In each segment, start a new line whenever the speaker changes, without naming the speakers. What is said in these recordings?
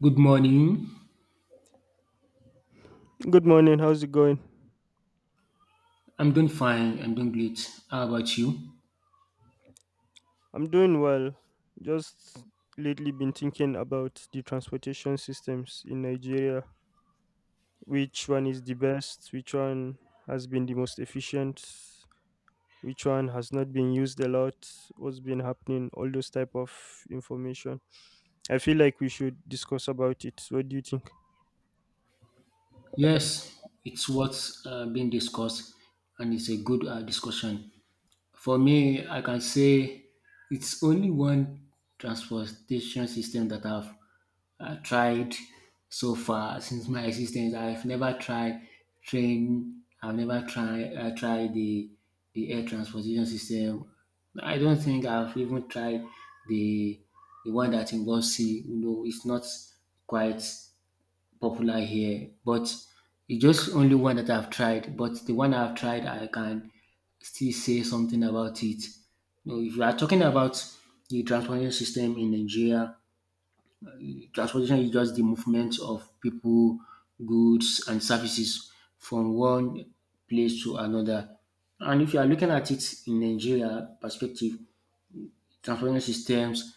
Good morning.
Good morning. How's it going?
I'm doing fine. I'm doing great. How about you?
I'm doing well. Just lately been thinking about the transportation systems in Nigeria. Which one is the best? Which one has been the most efficient? Which one has not been used a lot? What's been happening? All those type of information. I feel like we should discuss about it. What do you think?
Yes, it's what's being discussed, and it's a good discussion. For me, I can say it's only one transportation system that I've tried so far since my existence. I've never tried train. I've never tried tried the air transportation system. I don't think I've even tried the the one that involves sea. You know, it's not quite popular here, but it's just only one that I've tried. But the one I've tried, I can still say something about it. You know, if you are talking about the transportation system in Nigeria, transportation is just the movement of people, goods, and services from one place to another. And if you are looking at it in Nigeria perspective, transportation systems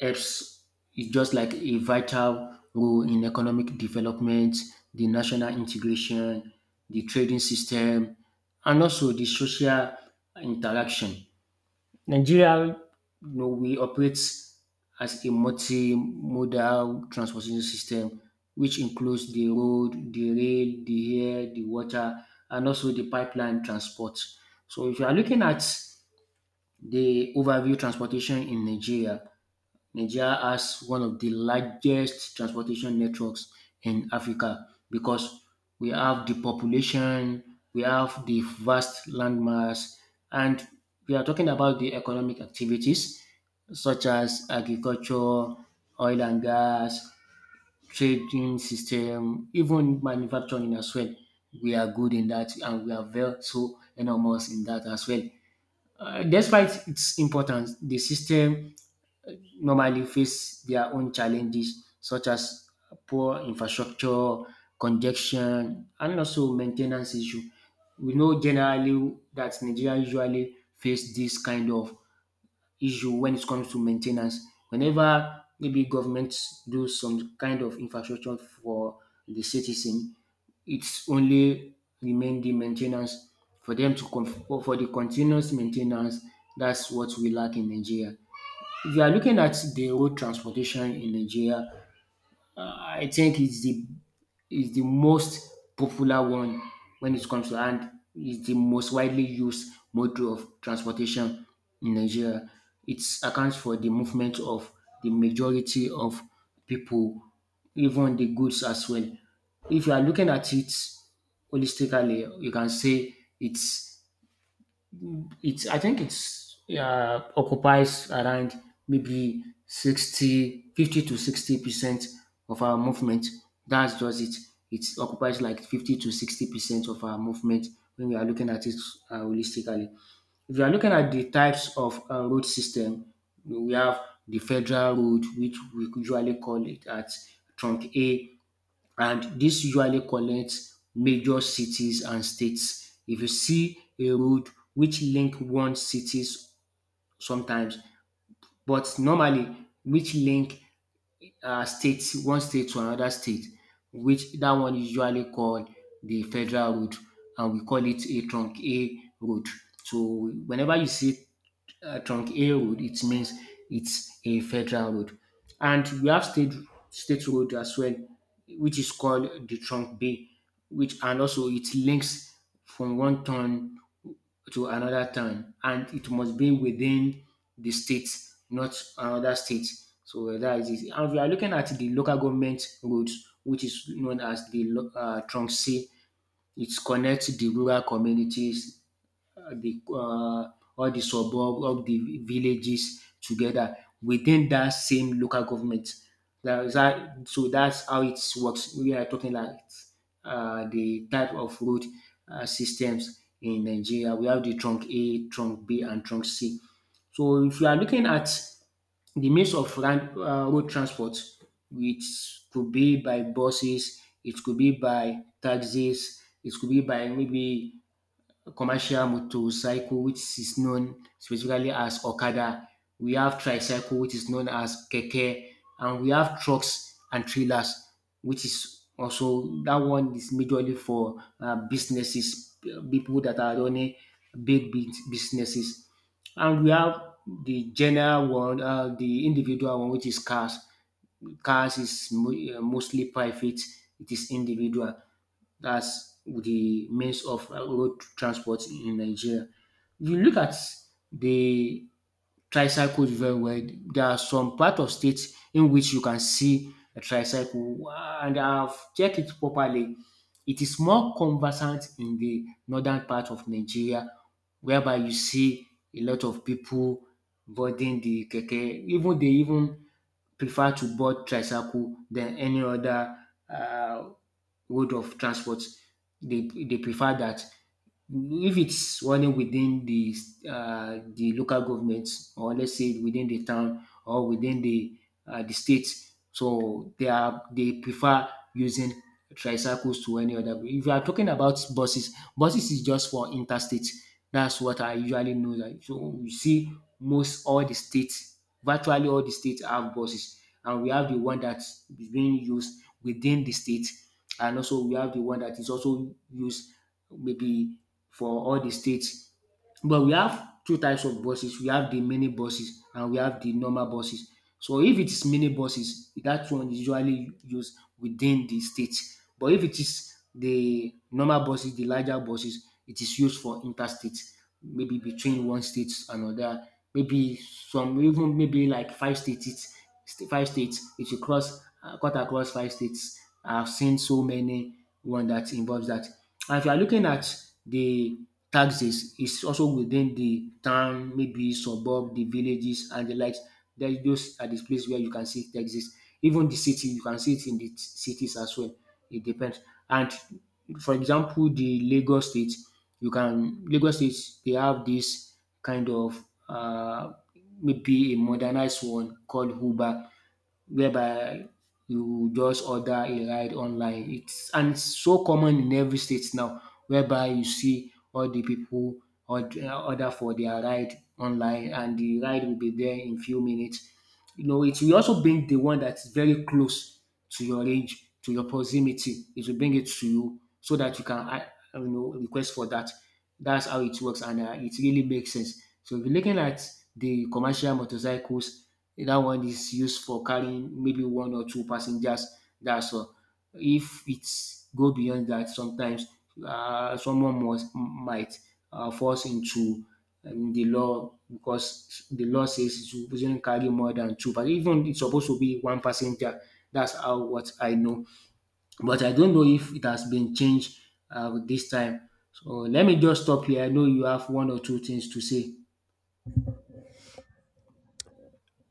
apes is just like a vital role in economic development, the national integration, the trading system, and also the social interaction. Nigeria, you know, we operate as a multimodal transportation system, which includes the road, the rail, the air, the water, and also the pipeline transport. So if you are looking at the overview transportation in Nigeria, Nigeria has one of the largest transportation networks in Africa because we have the population, we have the vast landmass, and we are talking about the economic activities such as agriculture, oil and gas, trading system, even manufacturing as well. We are good in that and we are very so enormous in that as well. Despite its importance, the system normally face their own challenges such as poor infrastructure, congestion, and also maintenance issue. We know generally that Nigeria usually face this kind of issue when it comes to maintenance. Whenever maybe governments do some kind of infrastructure for the citizen, it's only remain the main for them to for the continuous maintenance. That's what we lack in Nigeria. If you are looking at the road transportation in Nigeria, I think it's the most popular one when it comes to, and it's the most widely used mode of transportation in Nigeria. It accounts for the movement of the majority of people, even the goods as well. If you are looking at it holistically, you can say it's I think it's occupies around maybe 50 to 60 percent of our movement. That's just it. It occupies like 50 to 60 percent of our movement when we are looking at it holistically. If you are looking at the types of road system, we have the federal road, which we usually call it at trunk A, and this usually connects major cities and states. If you see a road which link one cities sometimes but normally which link state one state to another state, which that one is usually called the federal road, and we call it a trunk A road. So whenever you see trunk A road, it means it's a federal road, and we have state road as well, which is called the trunk B, which and also it links from one town to another town, and it must be within the state, not another state. So that is it. And we are looking at the local government roads, which is known as the Trunxi. It connects the rural communities, the all the suburb, all the villages together within that same local government. That is that, so that's how it works. We are talking like the type of road systems in Nigeria. We have the trunk A, trunk B, and trunk C. So if you are looking at the means of road transport, which could be by buses, it could be by taxis, it could be by maybe commercial motorcycle, which is known specifically as Okada. We have tricycle, which is known as Keke, and we have trucks and trailers, which is also that one is majorly for businesses, people that are running businesses. And we have the general one, the individual one, which is cars. Cars is mostly private, it is individual. That's the means of road transport in Nigeria. If you look at the tricycle very well, there are some part of states in which you can see a tricycle and I've checked it properly. It is more conversant in the northern part of Nigeria, whereby you see a lot of people boarding the keke. Even they even prefer to board tricycle than any other uh, mode of transport. They prefer that. If it's running within the local government, or let's say within the town or within the state, so they are they prefer using tricycles to any other. If you are talking about buses, buses is just for interstate. That's what I usually know. That so you see, most all the states, virtually all the states have buses, and we have the one that is being used within the state, and also we have the one that is also used maybe for all the states. But we have two types of buses. We have the mini buses and we have the normal buses. So if it is mini buses, that one is usually used within the state. But if it is the normal buses, the larger buses, it is used for interstate, maybe between one state and another, maybe some even maybe like five states, five states. It should cross cut across five states. I've seen so many one that involves that. And if you are looking at the taxes, it's also within the town, maybe suburb, the villages, and the like. There's those are the place where you can see it exists. Even the city, you can see it in the cities as well. It depends. And for example, the Lagos State, you can Lagos State they have this kind of maybe a modernized one called Uber, whereby you just order a ride online. It's and it's so common in every state now, whereby you see all the people order for their ride online, and the ride will be there in few minutes. You know, it will also bring the one that's very close to your range, to your proximity. It will bring it to you so that you can, you know, request for that. That's how it works, and it really makes sense. So if you're looking at the commercial motorcycles, that one is used for carrying maybe one or two passengers. That's all. If it's go beyond that, sometimes someone must might falls into the law, because the law says it's supposed to carry more than two. But even it's supposed to be one passenger. That's how what I know. But I don't know if it has been changed this time. So let me just stop here. I know you have one or two things to say.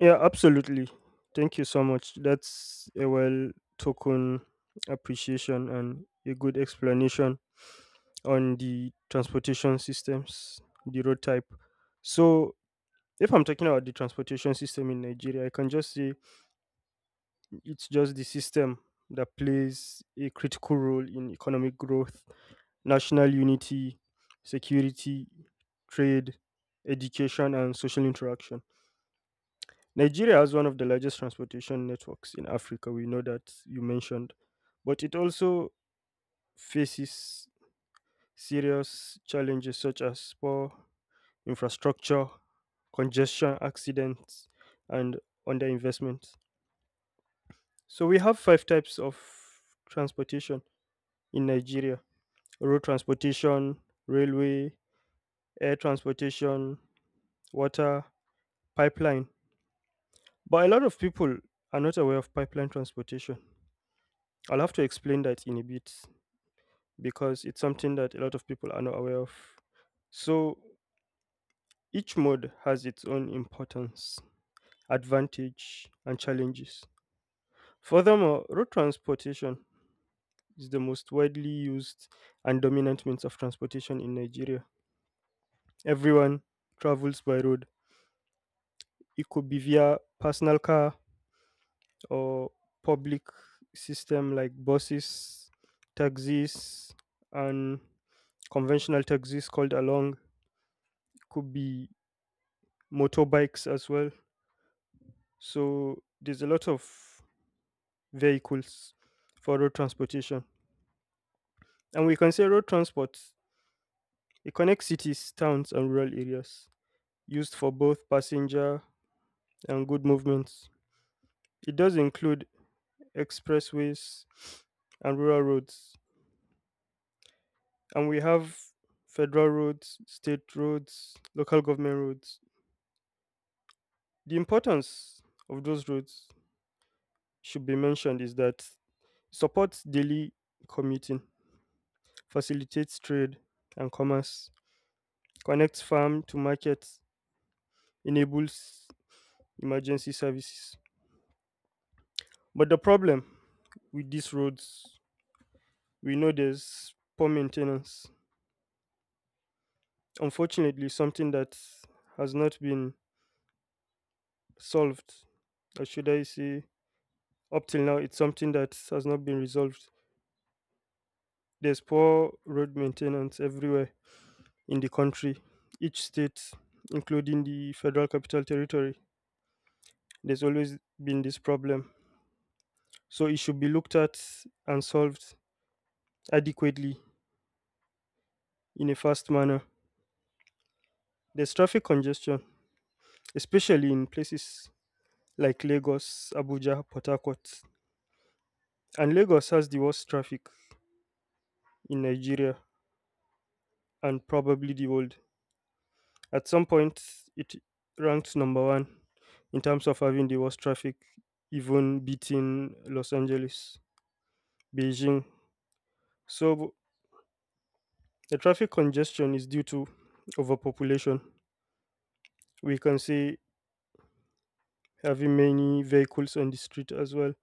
Yeah, absolutely. Thank you so much. That's a well token appreciation and a good explanation on the transportation systems, the road type. So, if I'm talking about the transportation system in Nigeria, I can just say it's just the system that plays a critical role in economic growth, national unity, security, trade, education, and social interaction. Nigeria has one of the largest transportation networks in Africa. We know that you mentioned, but it also faces serious challenges such as poor infrastructure, congestion, accidents, and underinvestment. So we have five types of transportation in Nigeria: road transportation, railway, air transportation, water, pipeline. But a lot of people are not aware of pipeline transportation. I'll have to explain that in a bit, because it's something that a lot of people are not aware of. So each mode has its own importance, advantage, and challenges. Furthermore, road transportation is the most widely used and dominant means of transportation in Nigeria. Everyone travels by road. It could be via personal car or public system like buses, taxis, and conventional taxis called along. Could be motorbikes as well. So there's a lot of vehicles for road transportation. And we can say road transport, it connects cities, towns, and rural areas, used for both passenger and good movements. It does include expressways and rural roads. And we have federal roads, state roads, local government roads. The importance of those roads should be mentioned is that supports daily commuting, facilitates trade and commerce, connects farm to markets, enables emergency services. But the problem with these roads, we know there's poor maintenance. Unfortunately, something that has not been solved, or should I say, up till now, it's something that has not been resolved. There's poor road maintenance everywhere in the country, each state, including the federal capital territory. There's always been this problem. So it should be looked at and solved adequately in a fast manner. There's traffic congestion, especially in places like Lagos, Abuja, Port Harcourt. And Lagos has the worst traffic in Nigeria and probably the world. At some point, it ranked number one in terms of having the worst traffic, even beating Los Angeles, Beijing. So the traffic congestion is due to overpopulation. We can say having many vehicles on the street as well.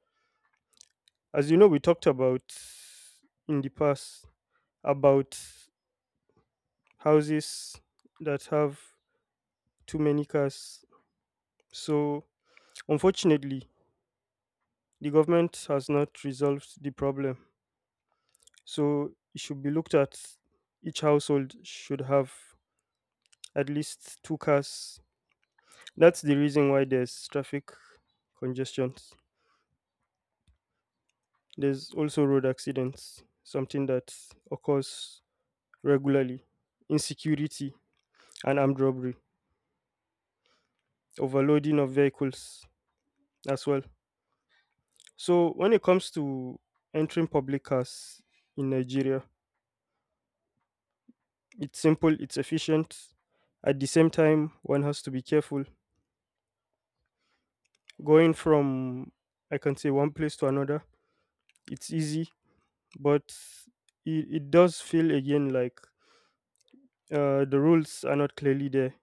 As you know, we talked about in the past about houses that have too many cars. So, unfortunately, the government has not resolved the problem. So, it should be looked at. Each household should have at least two cars. That's the reason why there's traffic congestions. There's also road accidents, something that occurs regularly, insecurity, and armed robbery. Overloading of vehicles as well. So when it comes to entering public cars in Nigeria, it's simple, it's efficient. At the same time, one has to be careful. Going from, I can say, one place to another, it's easy, but it does feel again like the rules are not clearly there,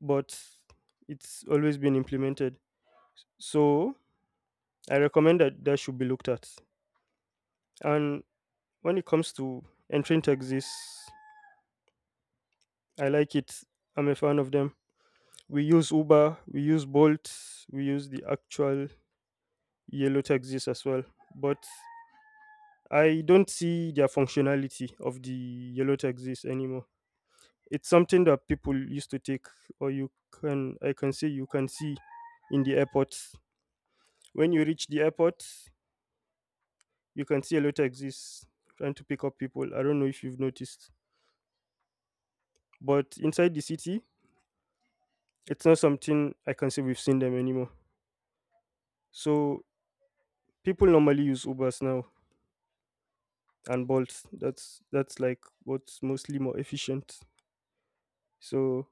but it's always been implemented. So I recommend that that should be looked at. And when it comes to entering taxis, I like it. I'm a fan of them. We use Uber, we use Bolt, we use the actual yellow taxis as well. But I don't see their functionality of the yellow taxis anymore. It's something that people used to take, or you can, I can say, you can see in the airports. When you reach the airport, you can see yellow taxis trying to pick up people. I don't know if you've noticed, but inside the city, it's not something I can say we've seen them anymore. So people normally use ubers now and bolts. That's like what's mostly more efficient. So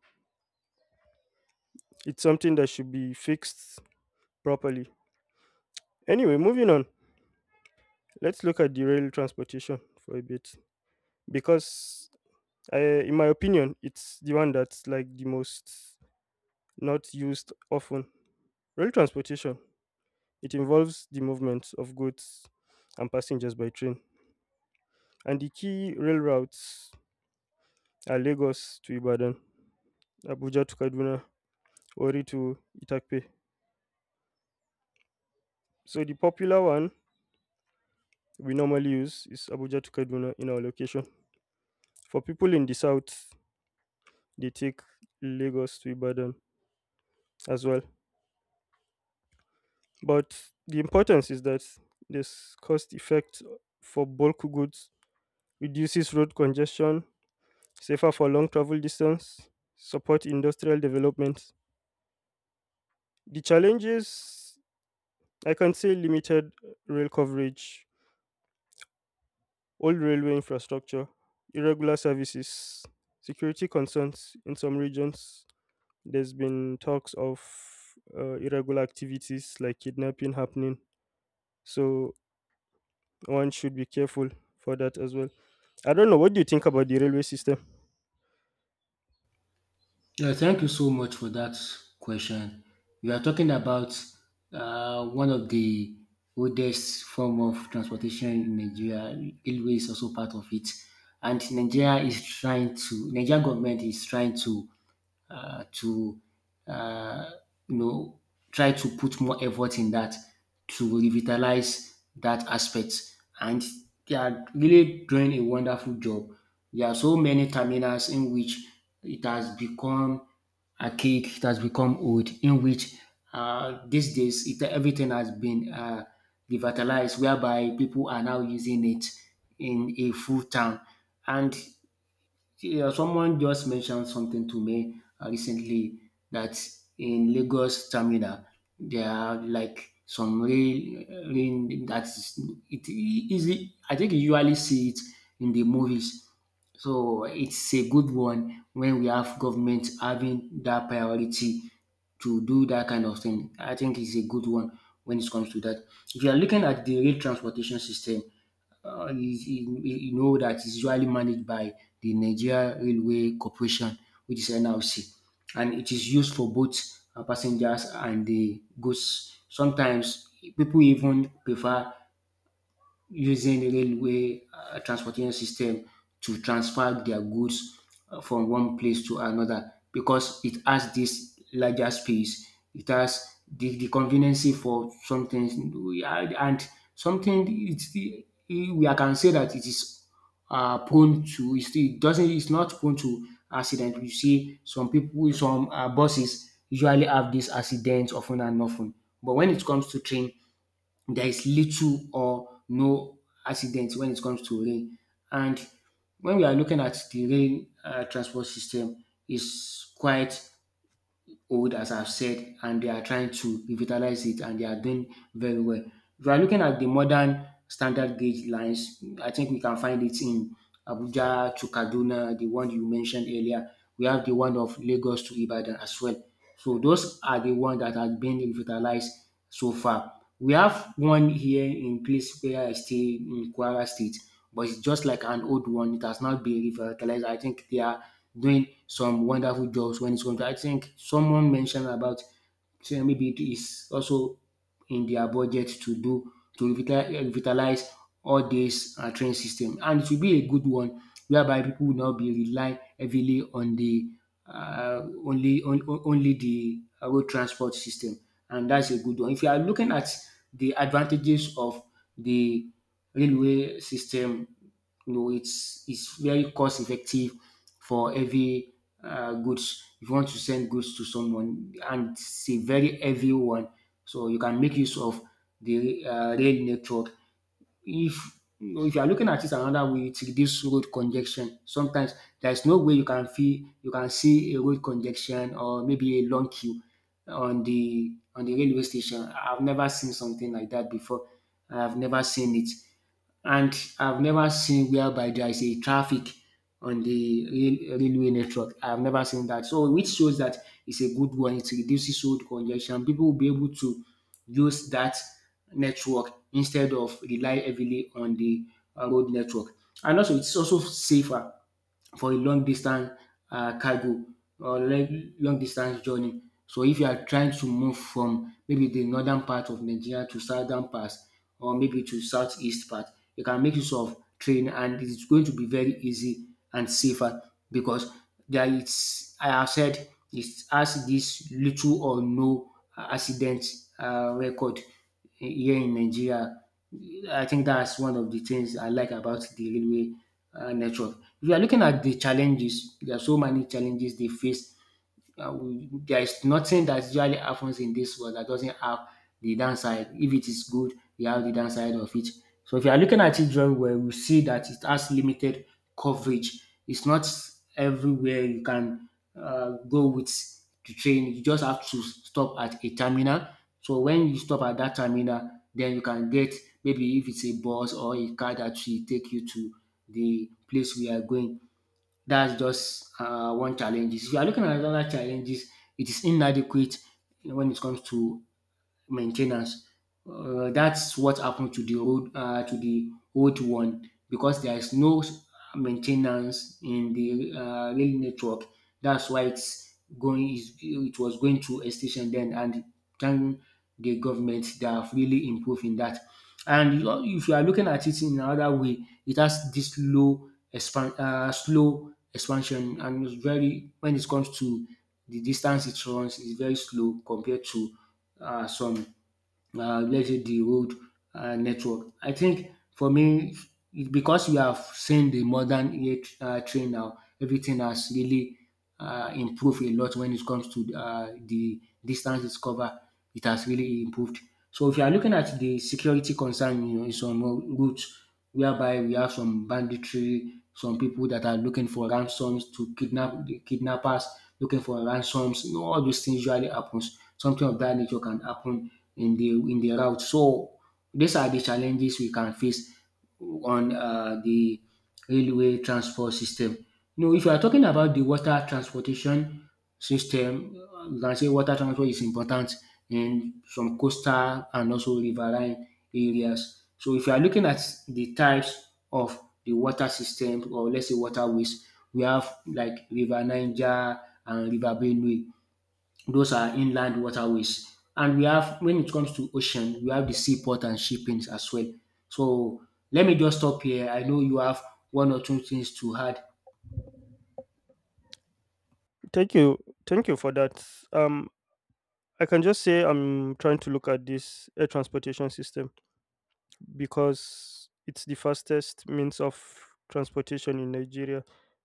it's something that should be fixed properly. Anyway, moving on, let's look at the rail transportation for a bit, because I, in my opinion, it's the one that's like the most not used often. Rail transportation, it involves the movement of goods and passengers by train, and the key rail routes are Lagos to Ibadan, Abuja to Kaduna, Ori to Itakpe. So the popular one we normally use is Abuja to Kaduna in our location. For people in the south, they take Lagos to Ibadan as well. But the importance is that this cost effect for bulk goods reduces road congestion, safer for long travel distance, support industrial development. The challenges, I can say, limited rail coverage, old railway infrastructure, irregular services, security concerns in some regions. There's been talks of irregular activities like kidnapping happening. So one should be careful for that as well. I don't know. What do you think about the railway system?
Yeah, thank you so much for that question. We are talking about one of the oldest form of transportation in Nigeria. Railway is also part of it, and Nigeria government is trying to uh, to uh, you know, try to put more effort in that to revitalize that aspect. And they are really doing a wonderful job. There are so many terminals in which it has become archaic, it has become old, in which these days it, everything has been revitalized, whereby people are now using it in a full town. And yeah, someone just mentioned something to me recently that in Lagos terminal there are like some rail that is it easy. I think you usually see it in the movies. So it's a good one when we have government having that priority to do that kind of thing. I think it's a good one when it comes to that. If you are looking at the rail transportation system, uh, is- is- you know that is usually managed by the Nigeria Railway Corporation, which is NRC, and it is used for both passengers and the goods. Sometimes people even prefer using railway transportation system to transfer their goods from one place to another because it has this larger space. It has the conveniency for something, we are- and something it's the, we I can say that it is prone to it's- it doesn't it's not prone to accident. You see, some people, some buses usually have these accidents often and often. But when it comes to train, there is little or no accident when it comes to rain. And when we are looking at the rail transport system, is quite old as I've said, and they are trying to revitalize it, and they are doing very well. If we are looking at the modern standard gauge lines, I think we can find it in Abuja to Kaduna, the one you mentioned earlier. We have the one of Lagos to Ibadan as well. So those are the ones that have been revitalized so far. We have one here in place where I stay in Kwara State, but it's just like an old one. It has not been revitalized. I think they are doing some wonderful jobs when it comes to. I think someone mentioned about say maybe it is also in their budget to do to revitalize all this train system, and it will be a good one whereby people will not be rely heavily on the only the road transport system, and that's a good one. If you are looking at the advantages of the railway system, it's very cost effective for heavy goods. If you want to send goods to someone, and it's a very heavy one, so you can make use of the rail network. If if you are looking at it another way, it reduce road congestion. Sometimes there is no way you can feel you can see a road congestion or maybe a long queue on the railway station. I've never seen something like that before. I've never seen it, and I've never seen whereby there is a traffic on the railway network. I've never seen that. So, which shows that it's a good one. It reduces road congestion. People will be able to use that network instead of rely heavily on the road network. And also, it's also safer for a long distance cargo or like long distance journey. So if you are trying to move from maybe the northern part of Nigeria to southern part or maybe to southeast part, you can make use of train, and it is going to be very easy and safer because there is I have said it has this little or no accident record here in Nigeria. I think that's one of the things I like about the railway network. If you are looking at the challenges, there are so many challenges they face there is nothing that usually happens in this world that doesn't have the downside. If it is good, you have the downside of it. So if you are looking at it very well, we see that it has limited coverage. It's not everywhere you can go with the train. You just have to stop at a terminal. So when you stop at that terminal, then you can get maybe if it's a bus or a car that will take you to the place we are going. That's just one challenges. If you are looking at another challenges, it is inadequate when it comes to maintenance. That's what happened to the old one, because there is no maintenance in the rail network. That's why it's going. It was going to extinction then, and thank the government, they have really improved in that. And you know, if you are looking at it in another way, it has this slow expansion, and it's very when it comes to the distance it runs is very slow compared to some let's say the road network. I think, for me, it's because we have seen the modern AI train now, everything has really improved a lot when it comes to the distance it's covered. It has really improved. So if you are looking at the security concern, in some routes, whereby we have some banditry, some people that are looking for ransoms to kidnap, the kidnappers, looking for ransoms. You know, all those things usually happens. Something of that nature can happen in the route. So these are the challenges we can face on the railway transport system. Now, if you are talking about the water transportation system, you can say water transport is important in some coastal and also riverine areas. So, if you are looking at the types of the water system or let's say waterways, we have like River Niger and River Benue. Those are inland waterways. And we have, when it comes to ocean, we have the seaport and shippings as well. So let me just stop here. I know you have one or two things to add.
Thank you. Thank you for that. Um, I can just say I'm trying to look at this air transportation system because it's the fastest means of transportation in Nigeria.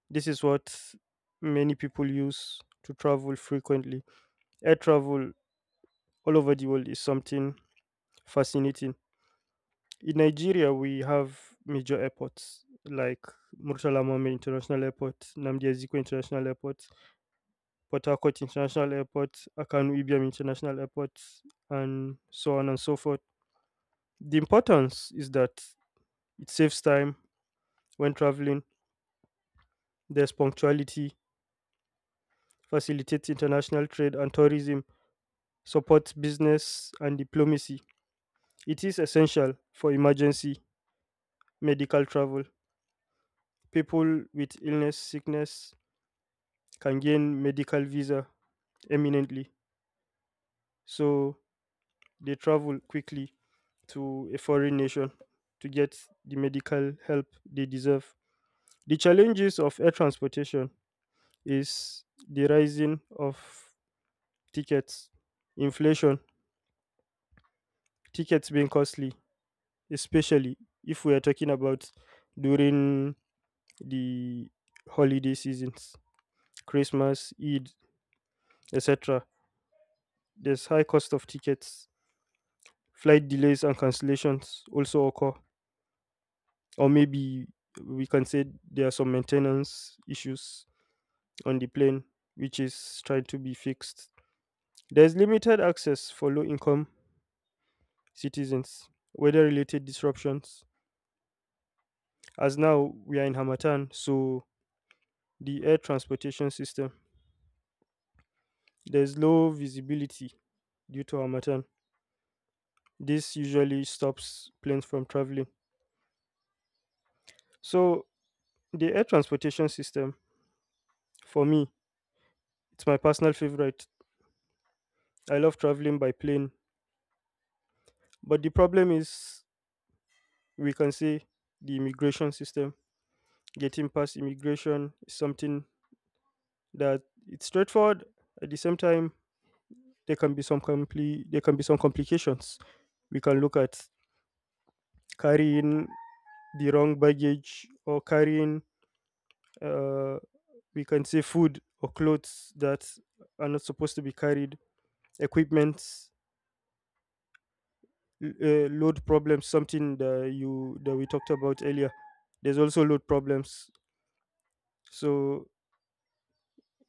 This is what many people use to travel frequently. Air travel all over the world is something fascinating. In Nigeria, we have major airports like Murtala Mohammed International Airport, Nnamdi Azikiwe International Airport, Port Harcourt International Airport, Akanu Ibiam International Airport, and so on and so forth. The importance is that it saves time when traveling, there's punctuality, facilitates international trade and tourism, supports business and diplomacy. It is essential for emergency medical travel. People with illness, sickness can gain medical visa eminently. So they travel quickly to a foreign nation to get the medical help they deserve. The challenges of air transportation is the rising of tickets, inflation, tickets being costly, especially if we are talking about during the holiday seasons, Christmas, Eid, etc. There's high cost of tickets. Flight delays and cancellations also occur. Or maybe we can say there are some maintenance issues on the plane, which is trying to be fixed. There's limited access for low income citizens, weather related disruptions. As now we are in Hamatan, so the air transportation system, there's low visibility due to Hamatan. This usually stops planes from traveling. So, the air transportation system, for me, it's my personal favorite. I love traveling by plane. But the problem is, we can say, the immigration system, getting past immigration is something that it's straightforward. At the same time, there can be some complications. We can look at carrying the wrong baggage or carrying uh, we can say food or clothes that are not supposed to be carried, equipment, load problems, something that you that we talked about earlier. There's also load problems. So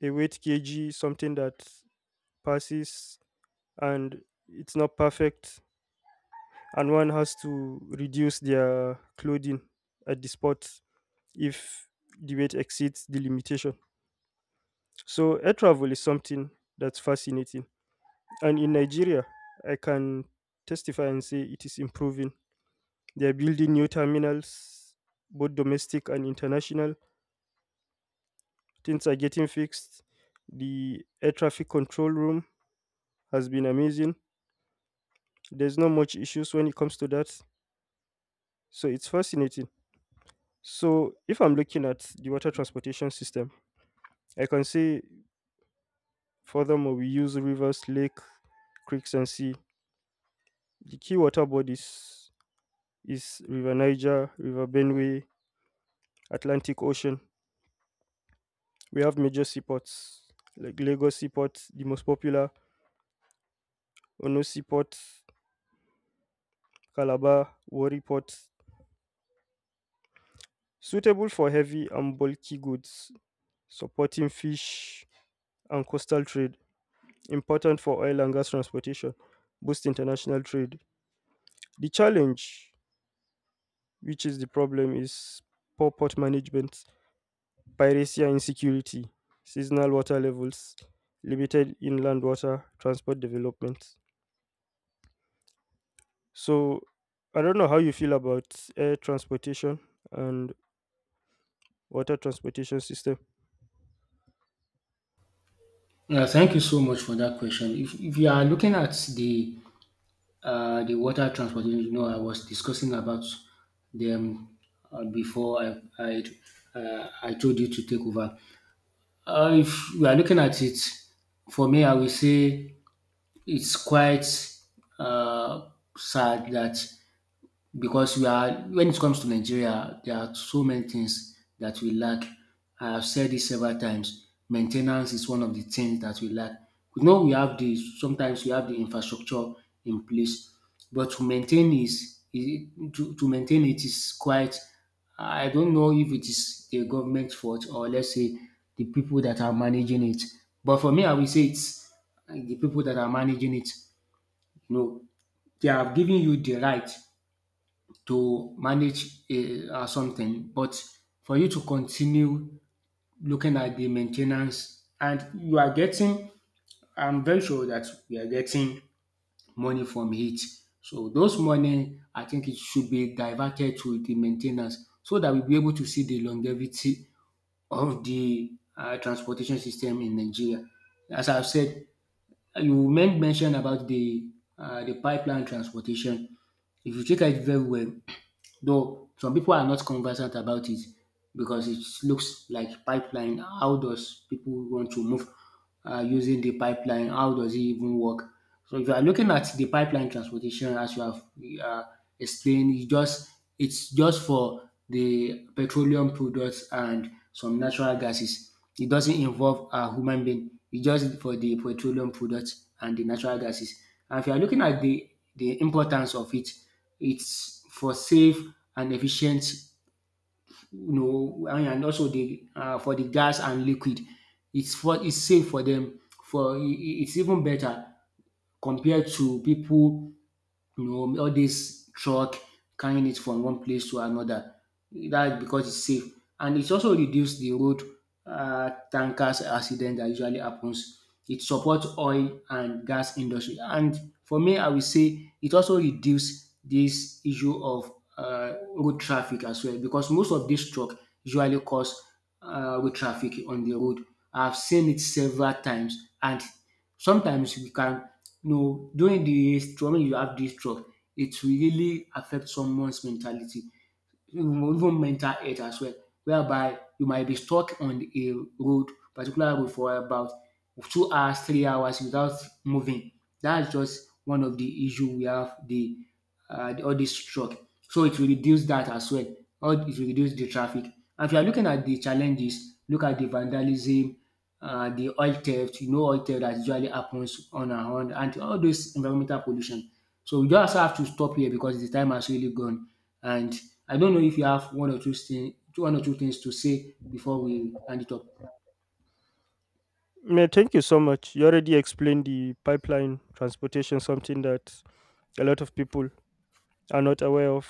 a weight kg is something that passes and it's not perfect, and one has to reduce their clothing at the spot if the weight exceeds the limitation. So air travel is something that's fascinating, and in Nigeria, I can testify and say it is improving. They're building new terminals, both domestic and international. Things are getting fixed. The air traffic control room has been amazing. There's not much issues when it comes to that. So it's fascinating. So if I'm looking at the water transportation system, I can say furthermore we use rivers, lake, creeks and sea. The key water bodies is River Niger, River Benue, Atlantic Ocean. We have major seaports like Lagos Seaport, the most popular, Ono Seaport, Calabar, Warri Port, suitable for heavy and bulky goods, supporting fish and coastal trade, important for oil and gas transportation, boost international trade. The challenge, which is the problem, is poor port management, piracy and insecurity, seasonal water levels, limited inland water transport development. So, I don't know how you feel about air transportation and water transportation system.
Yeah, thank you so much for that question. If you are looking at the the water transportation, you know, I was discussing about them before I told you to take over. If you are looking at it, for me, I will say it's quite uh, sad that because we are when it comes to Nigeria, there are so many things that we lack. I have said this several times. Maintenance is one of the things that we lack. You know, we have the sometimes we have the infrastructure in place, but to maintain to maintain it is quite. I don't know if it is the government fault, or let's say the people that are managing it. But for me, I will say it's the people that are managing it. You know, they have given you the right to manage something, but for you to continue looking at the maintenance and you are getting, I'm very sure that we are getting money from it. So those money, I think it should be diverted to the maintenance so that we'll be able to see the longevity of the transportation system in Nigeria. As I've said, you mentioned about the the pipeline transportation. If you check it very well, though some people are not conversant about it because it looks like pipeline. How does people want to move using the pipeline? How does it even work? So if you are looking at the pipeline transportation, as you have uh, explained, it's just for the petroleum products and some natural gases. It doesn't involve a human being. It's just for the petroleum products and the natural gases. And if you are looking at the importance of it, it's for safe and efficient, you know, and also the for the gas and liquid. It's safe for them. For e e it's even better compared to people all this truck carrying it from one place to another. That's because it's safe, and it also reduce the road tankers accident that usually happens. It supports oil and gas industry, and for me I will say it also reduce this issue of road traffic as well, because most of this truck usually cause road traffic on the road. I've seen it several times, and sometimes we can no, during the stroke, when you have this stroke, it will really affect someone's mentality, even mental health as well, whereby you might be stuck on a road, particular road for about 2 hours, 3 hours without moving. That's just one of the issue we have, the all this truck. So it will reduce that as well. Or it will reduce the traffic. And if you are looking at the challenges, look at the vandalism, the oil theft. You know, oil theft that usually happens on, and all this environmental pollution. So we just have to stop here because the time has really gone. And I don't know if you have one or two things to say before we end it up.
Yeah, thank you so much. You already explained the pipeline transportation, something that a lot of people are not aware of.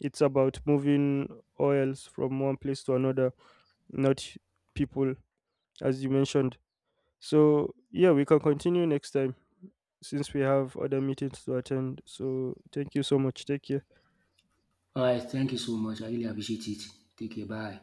It's about moving oils from one place to another, not people, as you mentioned. So, yeah, we can continue next time since we have other meetings to attend. So, thank you so much. Take care.
All right. Thank you so much. I really appreciate it. Take care. Bye.